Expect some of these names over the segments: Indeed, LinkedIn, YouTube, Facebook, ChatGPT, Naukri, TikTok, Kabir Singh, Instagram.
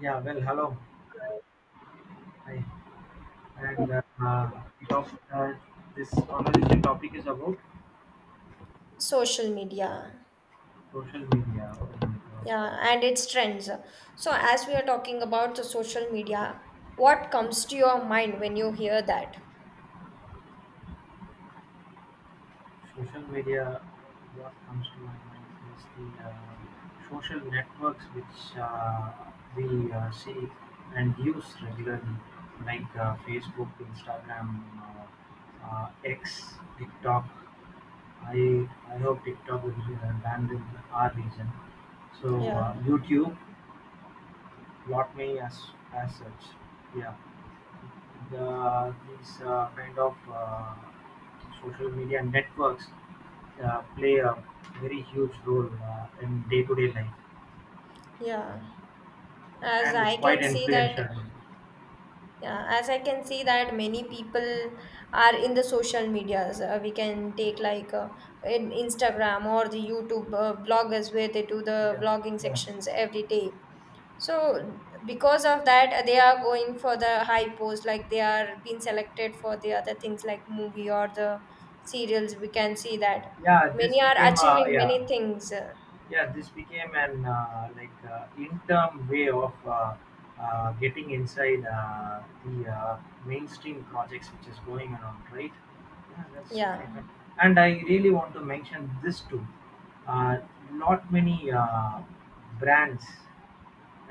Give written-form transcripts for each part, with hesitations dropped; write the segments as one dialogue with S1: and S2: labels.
S1: Yeah, well, hello. Hi. And bit of this conversation topic is about
S2: Social media.
S1: social media. Oh my.
S2: Yeah, and its trends. So as we are talking about the social media, what comes to your mind when you hear that?
S1: Social media, what comes to my mind is the social networks which we see and use regularly, like Facebook, Instagram, X, TikTok. I hope TikTok will be banned in our region. So,
S2: Yeah,
S1: YouTube. Lot many as such. Yeah, these kind of social media networks play a very huge role in day-to-day life
S2: yeah. As
S1: and
S2: I can
S1: quite
S2: see that,
S1: influential. Role.
S2: yeah, as I can see that many people are in the social medias, we can take like, in Instagram or the YouTube bloggers where they do the
S1: Yeah,
S2: vlogging
S1: yeah,
S2: sections every day. So because of that, they are going for the high post, like they are being selected for the other things like movie or the serials. We can see that
S1: yeah. This
S2: many are
S1: became a,
S2: achieving many
S1: yeah,
S2: things.
S1: yeah, this became an, like, interim way of getting inside the mainstream projects which is going around, right? Yeah, that's really
S2: Yeah,
S1: fun. And I really want to mention this too. uh, Not many brands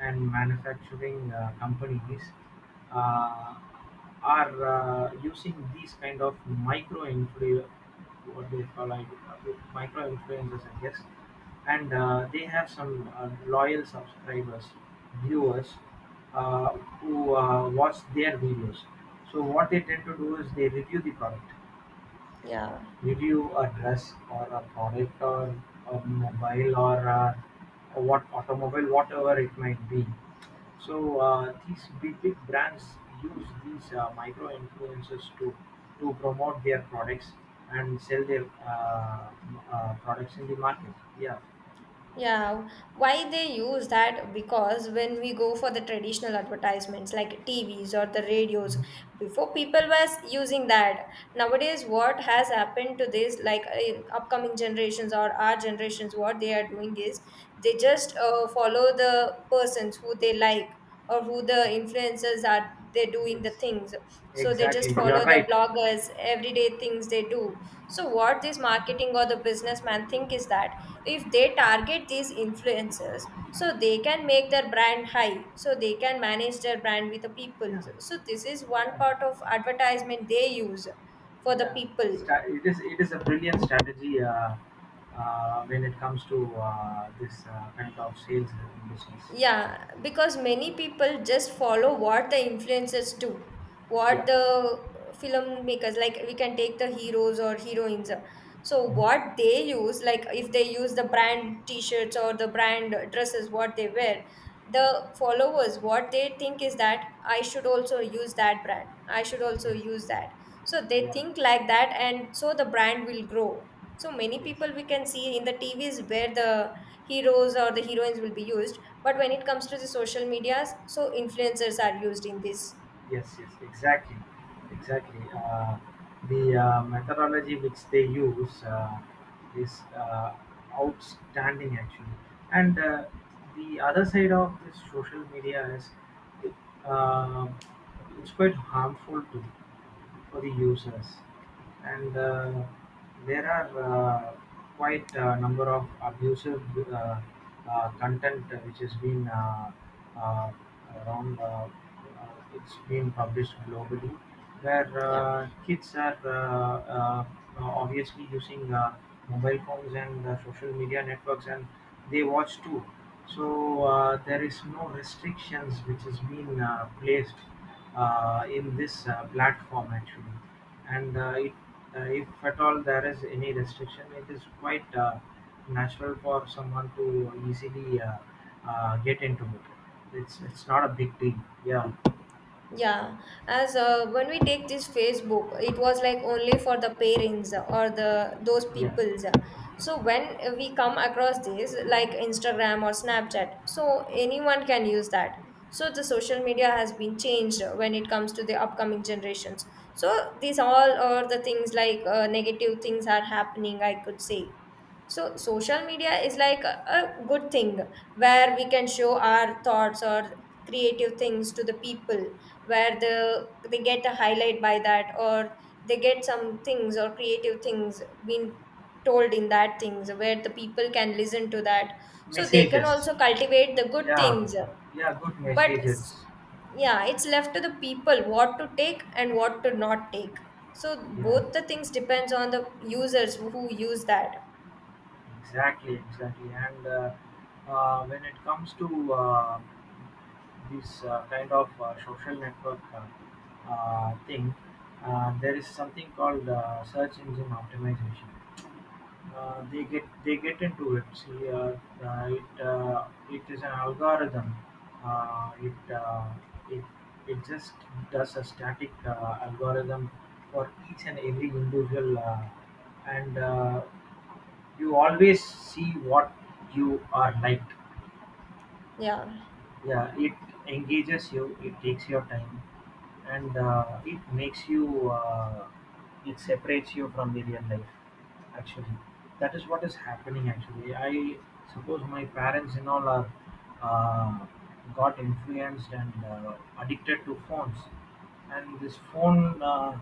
S1: and manufacturing companies uh, are using these kind of micro influ what they call like, micro influencers, I guess, and they have some loyal subscribers, viewers, uh, who watch their videos. So what they tend to do is they review the product,
S2: yeah.
S1: review a dress or a product or a mobile or what automobile, whatever it might be. So these big big brands use these micro influencers to promote their products and sell their products in the market. Yeah.
S2: Yeah, why they use that? Because when we go for the traditional advertisements like TVs or the radios,
S1: Mhm.
S2: before people was using that. Nowadays, what has happened to this? Like, upcoming generations or our generations, what they are doing is they just follow the persons who they like, or who the influencers are, they're doing the
S1: Yes.
S2: things. So they
S1: Exactly,
S2: just
S1: you are
S2: follow the
S1: right.
S2: bloggers everyday things they do. So what this marketing or the businessman think is that if they target these influencers, so they can make their brand high, so they can manage their brand with the people.
S1: Yeah,
S2: So this is one
S1: yeah.
S2: part of advertisement they use for the
S1: Yeah,
S2: people.
S1: it is, it is a brilliant strategy when it comes to this kind of sales business.
S2: Yeah, because many people just follow what the influencers do, what
S1: Yeah.
S2: the filmmakers, like we can take the heroes or heroines. So
S1: Mhm.
S2: what they use, like if they use the brand t-shirts or the brand dresses, what they wear, the followers, what they think is that I should also use that brand. I should also
S1: Yes.
S2: use that. So they
S1: Yeah.
S2: think like that, and so the brand will grow. So many people we
S1: Yes.
S2: can see in the TVs where the heroes or the heroines will be used, but when it comes to the social medias, so influencers are used in this.
S1: Yes. Yes. Exactly. Exactly. The methodology which they use is outstanding, actually, and the other side of this social media is, it, uh, it's quite harmful to, for the users, and there are quite a number of abusive uh, content which has been uh, around. It's been published globally, where
S2: Yeah.
S1: kids are obviously using mobile phones and social media networks, and they watch too. So there is no restrictions which has been placed in this platform, actually. And if at all there is any restriction, it is quite natural for someone to easily get into it. It's not a big deal. Yeah,
S2: Yeah, as, when we take this Facebook, it was like only for the parents or the those
S1: yeah.
S2: peoples. So when we come across this, like Instagram or Snapchat, so anyone can use that. So the social media has been changed when it comes to the upcoming generations. So these all are the things, like, negative things are happening, I could say. So social media is like a good thing where we can show our thoughts or creative things to the people, where they get a highlight by that, or they get some things or creative things being told in that things, where the people can listen to that, so they can
S1: Messages.
S2: also cultivate the good
S1: Yeah,
S2: things.
S1: yeah. Good
S2: but s-
S1: messages.
S2: yeah, it's left to the people what to take and what to not take. So
S1: Yeah,
S2: both the things depends on the users who use that.
S1: exactly, exactly. And when it comes to this kind of social network thing, there is something called search engine optimization. They get into it. See, uh, it uh, it is an algorithm. Uh, it uh, it it just does a static algorithm for each and every individual, and you always see what you are like.
S2: Yeah.
S1: Yeah, it engages you, it takes your time, and it separates you from the real life, actually. That is what is happening, actually. I suppose my parents and all are, uh, got influenced and addicted to phones, and this phone uh,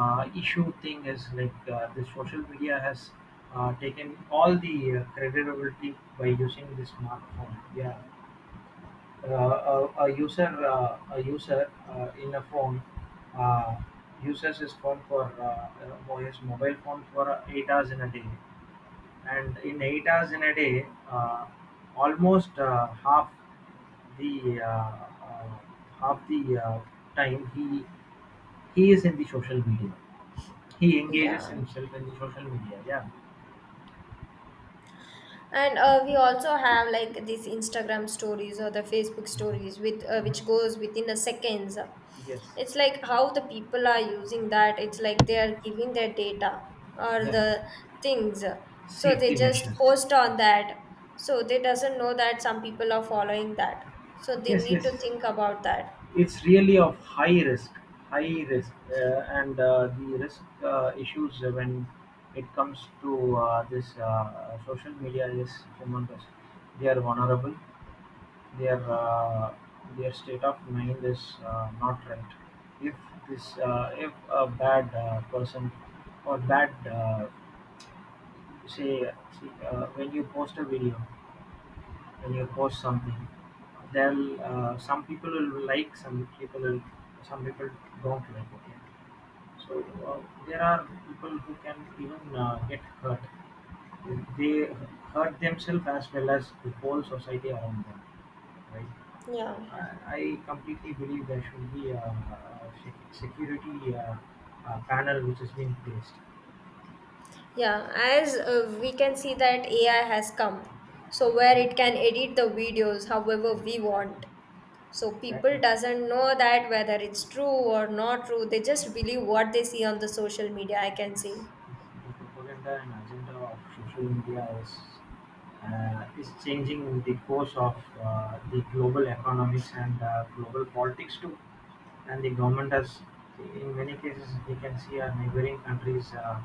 S1: uh, issue thing is like, the social media has taken all the creditability by using the smartphone. Yeah, a user in a phone, uh, uses his phone for his mobile phone for 8 hours in a day, and in 8 hours in a day, almost the uh, uh, half the time he is in the social media. He engages
S2: Yeah.
S1: himself in the social media. Yeah.
S2: And we also have like these Instagram stories or the Facebook stories with, which
S1: Mhm.
S2: goes within the seconds.
S1: Yes.
S2: It's like how the people are using that. It's like they are giving their data or
S1: Yeah.
S2: the things. So they
S1: Safety
S2: just
S1: measures.
S2: post on
S1: Yes.
S2: that. So they doesn't know that some people are following that. So they
S1: Yes.
S2: need
S1: Yes.
S2: to think about that.
S1: It's really of high risk, and the risk issues when it comes to this social media is humongous. They are vulnerable. Their uh, their state of mind is not right. If if a bad person or bad, say, say when you post a video, when you post something, then some people will like, some people will, some people don't like, okay. So uh, there are people who can even get hurt. They hurt themselves as well as the whole society around them, right?
S2: Yeah.
S1: I completely believe there should be a security panel which is being placed.
S2: Yeah, as, we can see that AI has come, so where it can edit the videos however we
S1: Exactly.
S2: want. So
S1: Exactly.
S2: people doesn't know that whether it's true or not true, they just believe what they see on the social media, I can say.
S1: Yes. The propaganda and agenda of social media is, is changing the course of the global economics and global politics too. And the government has, in many cases, we can see our neighboring countries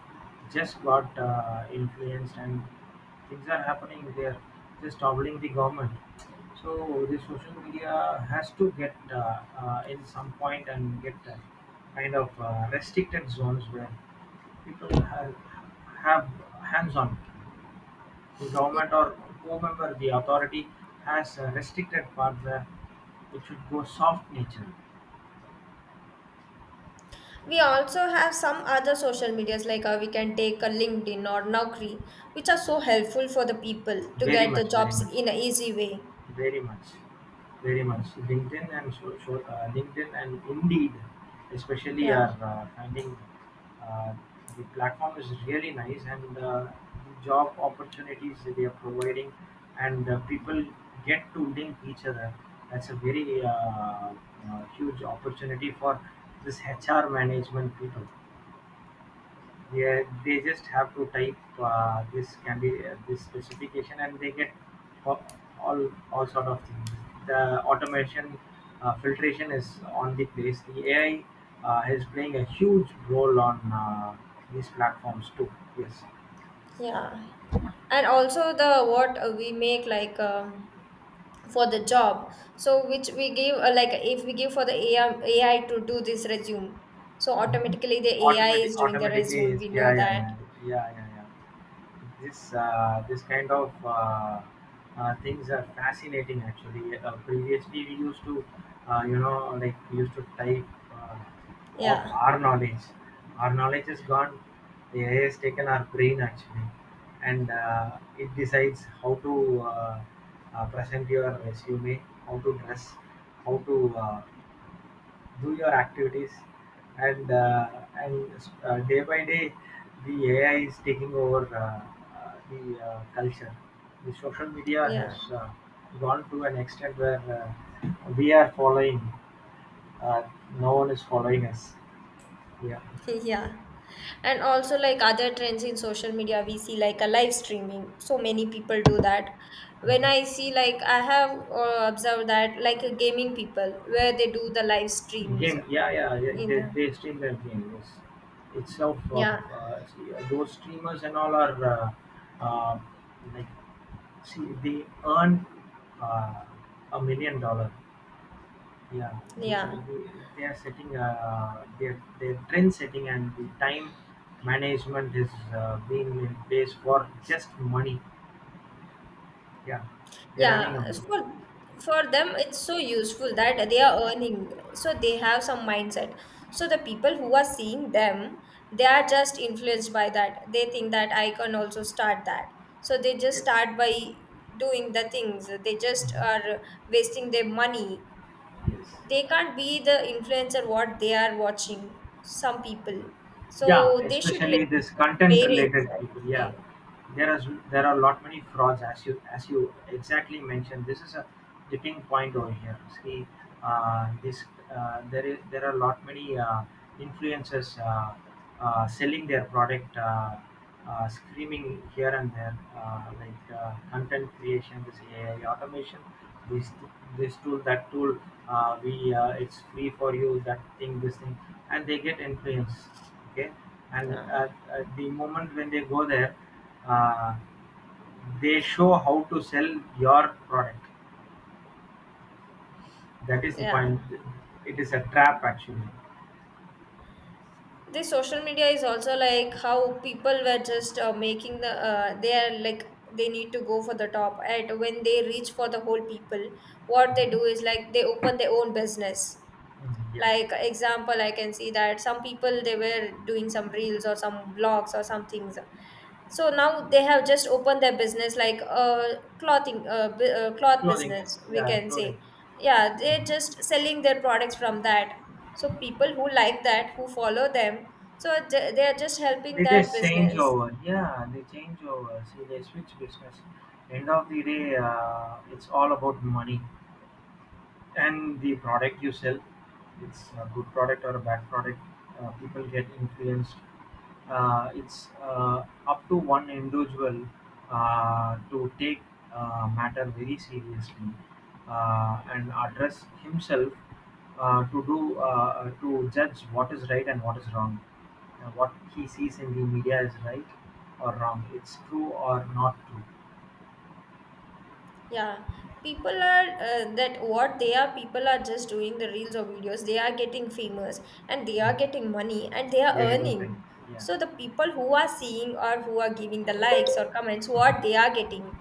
S1: just got influenced, and things are happening. They are just toppling the government. So the social media has to get in some point and get kind of restricted zones where people have hands-on; the government or whomever the authority has a restricted pathway, it should go soft nature.
S2: We also have some other social medias, like, we can take a LinkedIn or Naukri, which are so helpful for the people to
S1: Very
S2: get the
S1: much, very
S2: jobs
S1: much,
S2: in an easy way.
S1: very much, very much. LinkedIn and LinkedIn and Indeed, especially,
S2: Yeah.
S1: are finding, uh, the platform is really nice, and the job opportunities that they are providing, and people get to link each other. That's a very huge opportunity for this HR management people. Yeah, they just have to type this can be this specification, and they get all, all sort of things. The automation filtration is on the place. The AI is playing a huge role on these platforms too. Yes.
S2: Yeah, and also the what, we make like, for the job, so which we give, like if we give for the AI, to do this resume, so
S1: Mhm.
S2: automatically the ai
S1: Automatic,
S2: is doing the
S1: automatically,
S2: resume,
S1: is,
S2: we
S1: yeah,
S2: know
S1: yeah,
S2: that.
S1: yeah, yeah, yeah, yeah. This kind of things are fascinating, actually. Previously we used to, we used to type uh, of
S2: Yeah,
S1: our knowledge. Our knowledge is gone. AI has taken our brain, actually, and it decides how to, uh, present your resume, how to dress, how to do your activities, and uh, and day by day the AI is taking over the culture. The social media
S2: yeah.
S1: has uh, gone to an extent where we are following, uh, no one is following us. Yeah.
S2: Yeah, and also, like, other trends in social media, we see like a live streaming, so many people do that. When I
S1: Mhm.
S2: see, like, I have, observed that, like, gaming people where they do the live streams
S1: Game, yeah, yeah, yeah,
S2: in.
S1: they stream their game, yes, itself.
S2: Yeah,
S1: See, those streamers and all are, uh, like, see they earn uh, $1 million. Yeah, they,
S2: yeah.
S1: they they are setting their trend setting and the time management is being in place for just money. Yeah, they're running
S2: Yeah,
S1: a,
S2: for for them it's so useful that they are earning, so they have some mindset. So the people who are seeing them, they are just influenced by that. They think that I can also start that. So they just
S1: yes.
S2: start by doing the things. They just
S1: Mhm.
S2: are wasting their money.
S1: Yes.
S2: They can't be the influencer what they are watching, some people.
S1: Yeah,
S2: So they should
S1: especially
S2: listen
S1: this
S2: to their
S1: content
S2: parents,
S1: related
S2: I
S1: people.
S2: would
S1: Yeah,
S2: say.
S1: there is, there are lot many frauds, as you, as you exactly mentioned. This is a tipping point over here. See, this there is, there are lot many influencers selling their product, screaming here and there, like, content creation, this AI automation, this this tool, that tool. We it's free for you. That thing, this thing, and they get influenced, okay, and at the moment when they go there, uh, they show how to sell your product. That is
S2: Yeah.
S1: the
S2: Yeah.
S1: point. It is a trap, actually.
S2: This social media is also like how people were just, making the, they are like they need to go for the top, and when they reach for the whole people, what they do
S1: Mhm.
S2: is like they open their own business.
S1: Mm, yeah.
S2: Like, example, I can see that some people, they were doing some reels or some blogs or some things, so now they have just opened their business, like, clothing, cloth
S1: Clothing,
S2: business, we
S1: yeah,
S2: can
S1: clothing.
S2: say. Yeah, they're just selling their products from that. So people who like that, who follow them, so they are just helping
S1: They
S2: that
S1: just change
S2: business.
S1: over, yeah, they change over, see, they switch business. End of the day, it's all about money, and the product you sell, it's a good product or a bad product. People get influenced. It's up to one individual to take matter very seriously, and address himself to do, to judge what is right and what is wrong. What he sees in the media is right or wrong, it's true or not true.
S2: Yeah, people are, that what they are. People are just doing the reels or videos. They are getting famous and they are
S1: Mhm.
S2: getting money and they are
S1: They are getting paid,
S2: earning.
S1: yeah.
S2: So the people who are seeing or who are giving the likes or comments, what they are getting.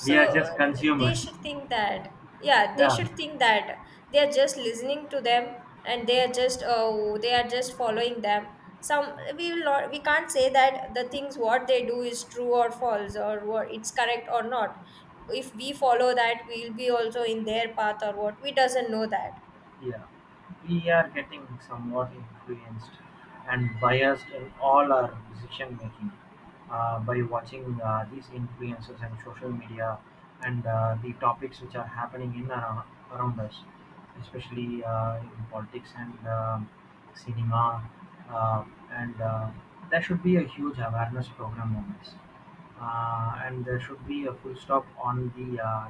S2: So
S1: We are just
S2: uh, they
S1: consumers.
S2: should think that, yeah, they
S1: Yeah.
S2: should think that they are just listening to them, and they are just, oh, they are just following them. Some we will not, we can't say that the things what they do is true or false, or what it's correct or not. If we follow that, we'll be also in their path or what. We doesn't know that.
S1: Yeah, we are getting somewhat influenced and biased in all our decision making, by watching these influencers and social media, and the topics which are happening in and around us, especially in politics and um, cinema. Uh, and there should be a huge awareness program on this. And there should be a full stop on the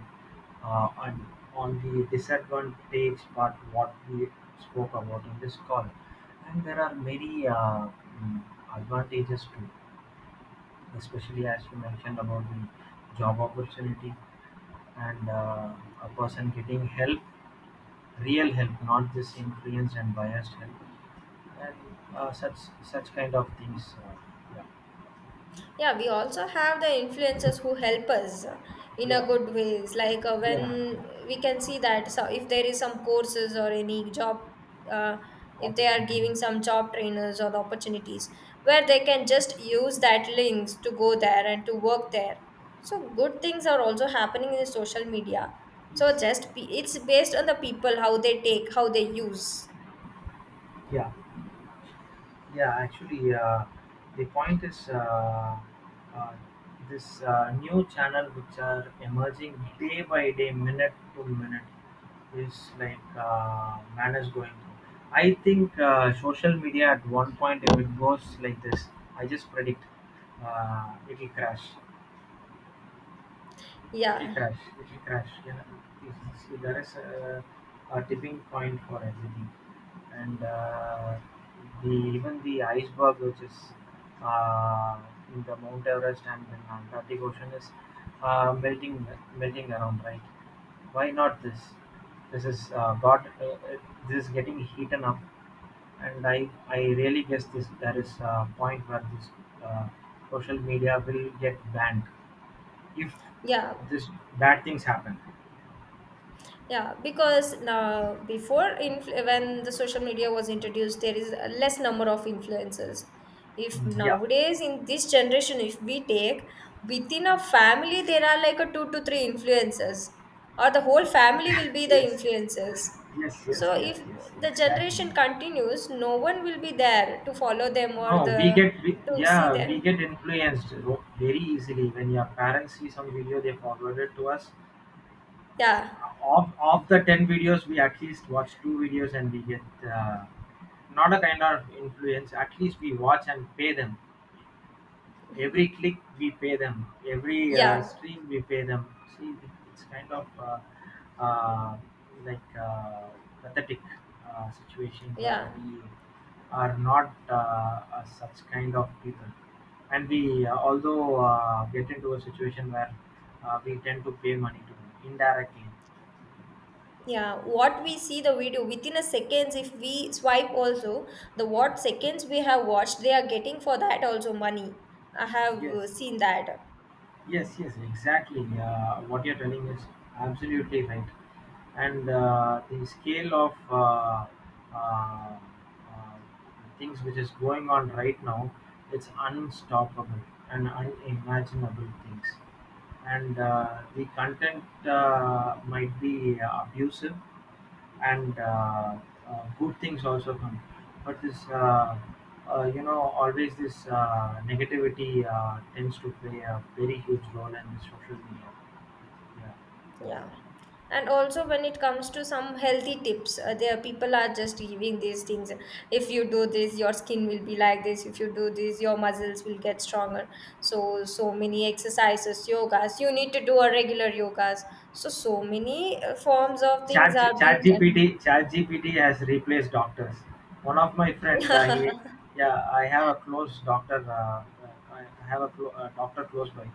S1: and on the disadvantage part what we spoke about in this call, and there are many mm, advantages too, especially as you mentioned about the job opportunity and a person getting help, real help, not just influenced and biased help, and such, such kind of things, yeah,
S2: Yeah, we also have the influencers who help us, in a
S1: yeah,
S2: good ways. Like,
S1: yeah.
S2: when we can see that, so if there is some courses or any job, uh, if they are giving
S1: Opportunities.
S2: some job trainers or the opportunities, where they can just use that links to go there and to work there. So good things are also happening in the social media.
S1: Yes,
S2: It's based on the people, how they take, how they use.
S1: yeah. Yeah, actually, the point is, uh, this new channel which are emerging day by day, minute to minute, is like man is going through. I think social media at one point, if it goes like this, I just predict it will crash. It'll
S2: Yeah,
S1: crash. It'll crash. Yeah, there is a tipping point for everything, and the even the iceberg which is uh, in the Mount Everest and in Antarctic Ocean is melting, melting around. Right? Why not this? This is got this is getting heated up, and I really guess this, there is a point where this uh, social media will get banned if
S2: yeah.
S1: this bad things happen.
S2: Yeah, because now before, when the social media was introduced, there is a less number of influencers. If
S1: Yeah.
S2: nowadays in this generation, if we take within a family, there are like a two to three influencers, or the whole family will be
S1: Yes,
S2: the
S1: yes,
S2: influencers.
S1: yes,
S2: So
S1: yes,
S2: if
S1: yes,
S2: the
S1: exactly.
S2: generation continues, no one will be there to follow them or
S1: No, we
S2: the
S1: get we,
S2: to
S1: yeah,
S2: see
S1: we
S2: them.
S1: get influenced very easily. When your parents see some video, they forward it to us.
S2: Yeah,
S1: Of the 10 videos we at least watch two videos and we get, uh, not a kind of influence, at least we watch and pay them. Every click we pay them, every
S2: yeah,
S1: stream we pay them. See, it, it's kind of uh, like pathetic situation where
S2: yeah.
S1: we are not such kind of people, and we although get into a situation where we tend to pay money to them indirectly.
S2: Yeah, what we see the video within a seconds, if we swipe also, the what seconds we have watched, they are getting for that also money. I have,
S1: Yes,
S2: seen that.
S1: yes, yes, exactly. What you're telling is absolutely right. And the scale of uh, uh, things which is going on right now, it's unstoppable and unimaginable things. And the content might be abusive, and good things also come. But this, you know, always this negativity tends to play a very huge role in the social media. Yeah.
S2: Yeah. And also when it comes to some healthy tips, there people are just giving these things. If you do this, your skin will be like this. If you do this, your muscles will get stronger. So so many exercises, yogas. You need to do a regular yogas. So so many, forms of things are being done.
S1: ChatGPT, ChatGPT has replaced doctors. One of my friend, yeah, I have a close doctor. I have a clo- doctor close by.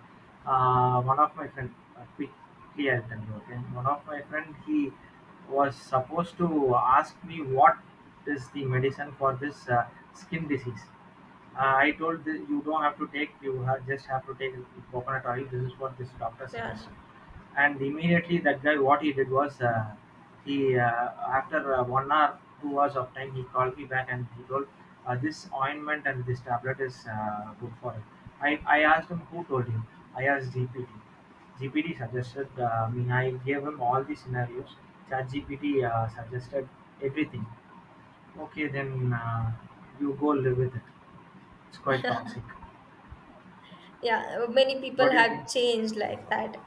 S1: One of my friend, quickly I'll tell you. Okay, one of my friend, he was supposed to ask me, what is the medicine for this skin disease. I told the, you don't have to take, you have, just have to take coconut oil. This is what this doctor
S2: Yeah.
S1: suggested. And immediately that guy, what he did was, he after 1 hour, 2 hours of time, he called me back and he told, this ointment and this tablet is good for it. I asked him who told him. I asked GPT. GPT suggested, I mean, I gave him all the scenarios. ChatGPT suggested everything. Okay, then you go live with it. It's quite toxic.
S2: Yeah, many people
S1: What do you
S2: have
S1: think?
S2: changed like that.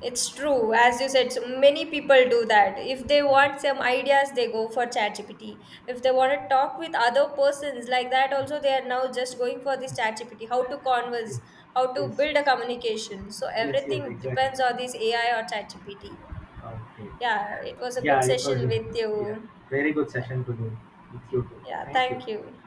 S2: It's true, as you said, so many people do that. If they want
S1: Um,
S2: some ideas, they go for ChatGPT. If they want to talk with other persons like that, also they are now just going for this ChatGPT. How to converse,
S1: Yes,
S2: how to
S1: yes,
S2: build a communication. So
S1: yes, yes,
S2: everything
S1: exactly.
S2: depends on this AI or ChatGPT.
S1: Okay.
S2: Yeah, it was a good
S1: Yeah, it was,
S2: session
S1: really-
S2: with
S1: yeah.
S2: you.
S1: Very good session to do with you too.
S2: Yeah,
S1: Thank you.
S2: thank you.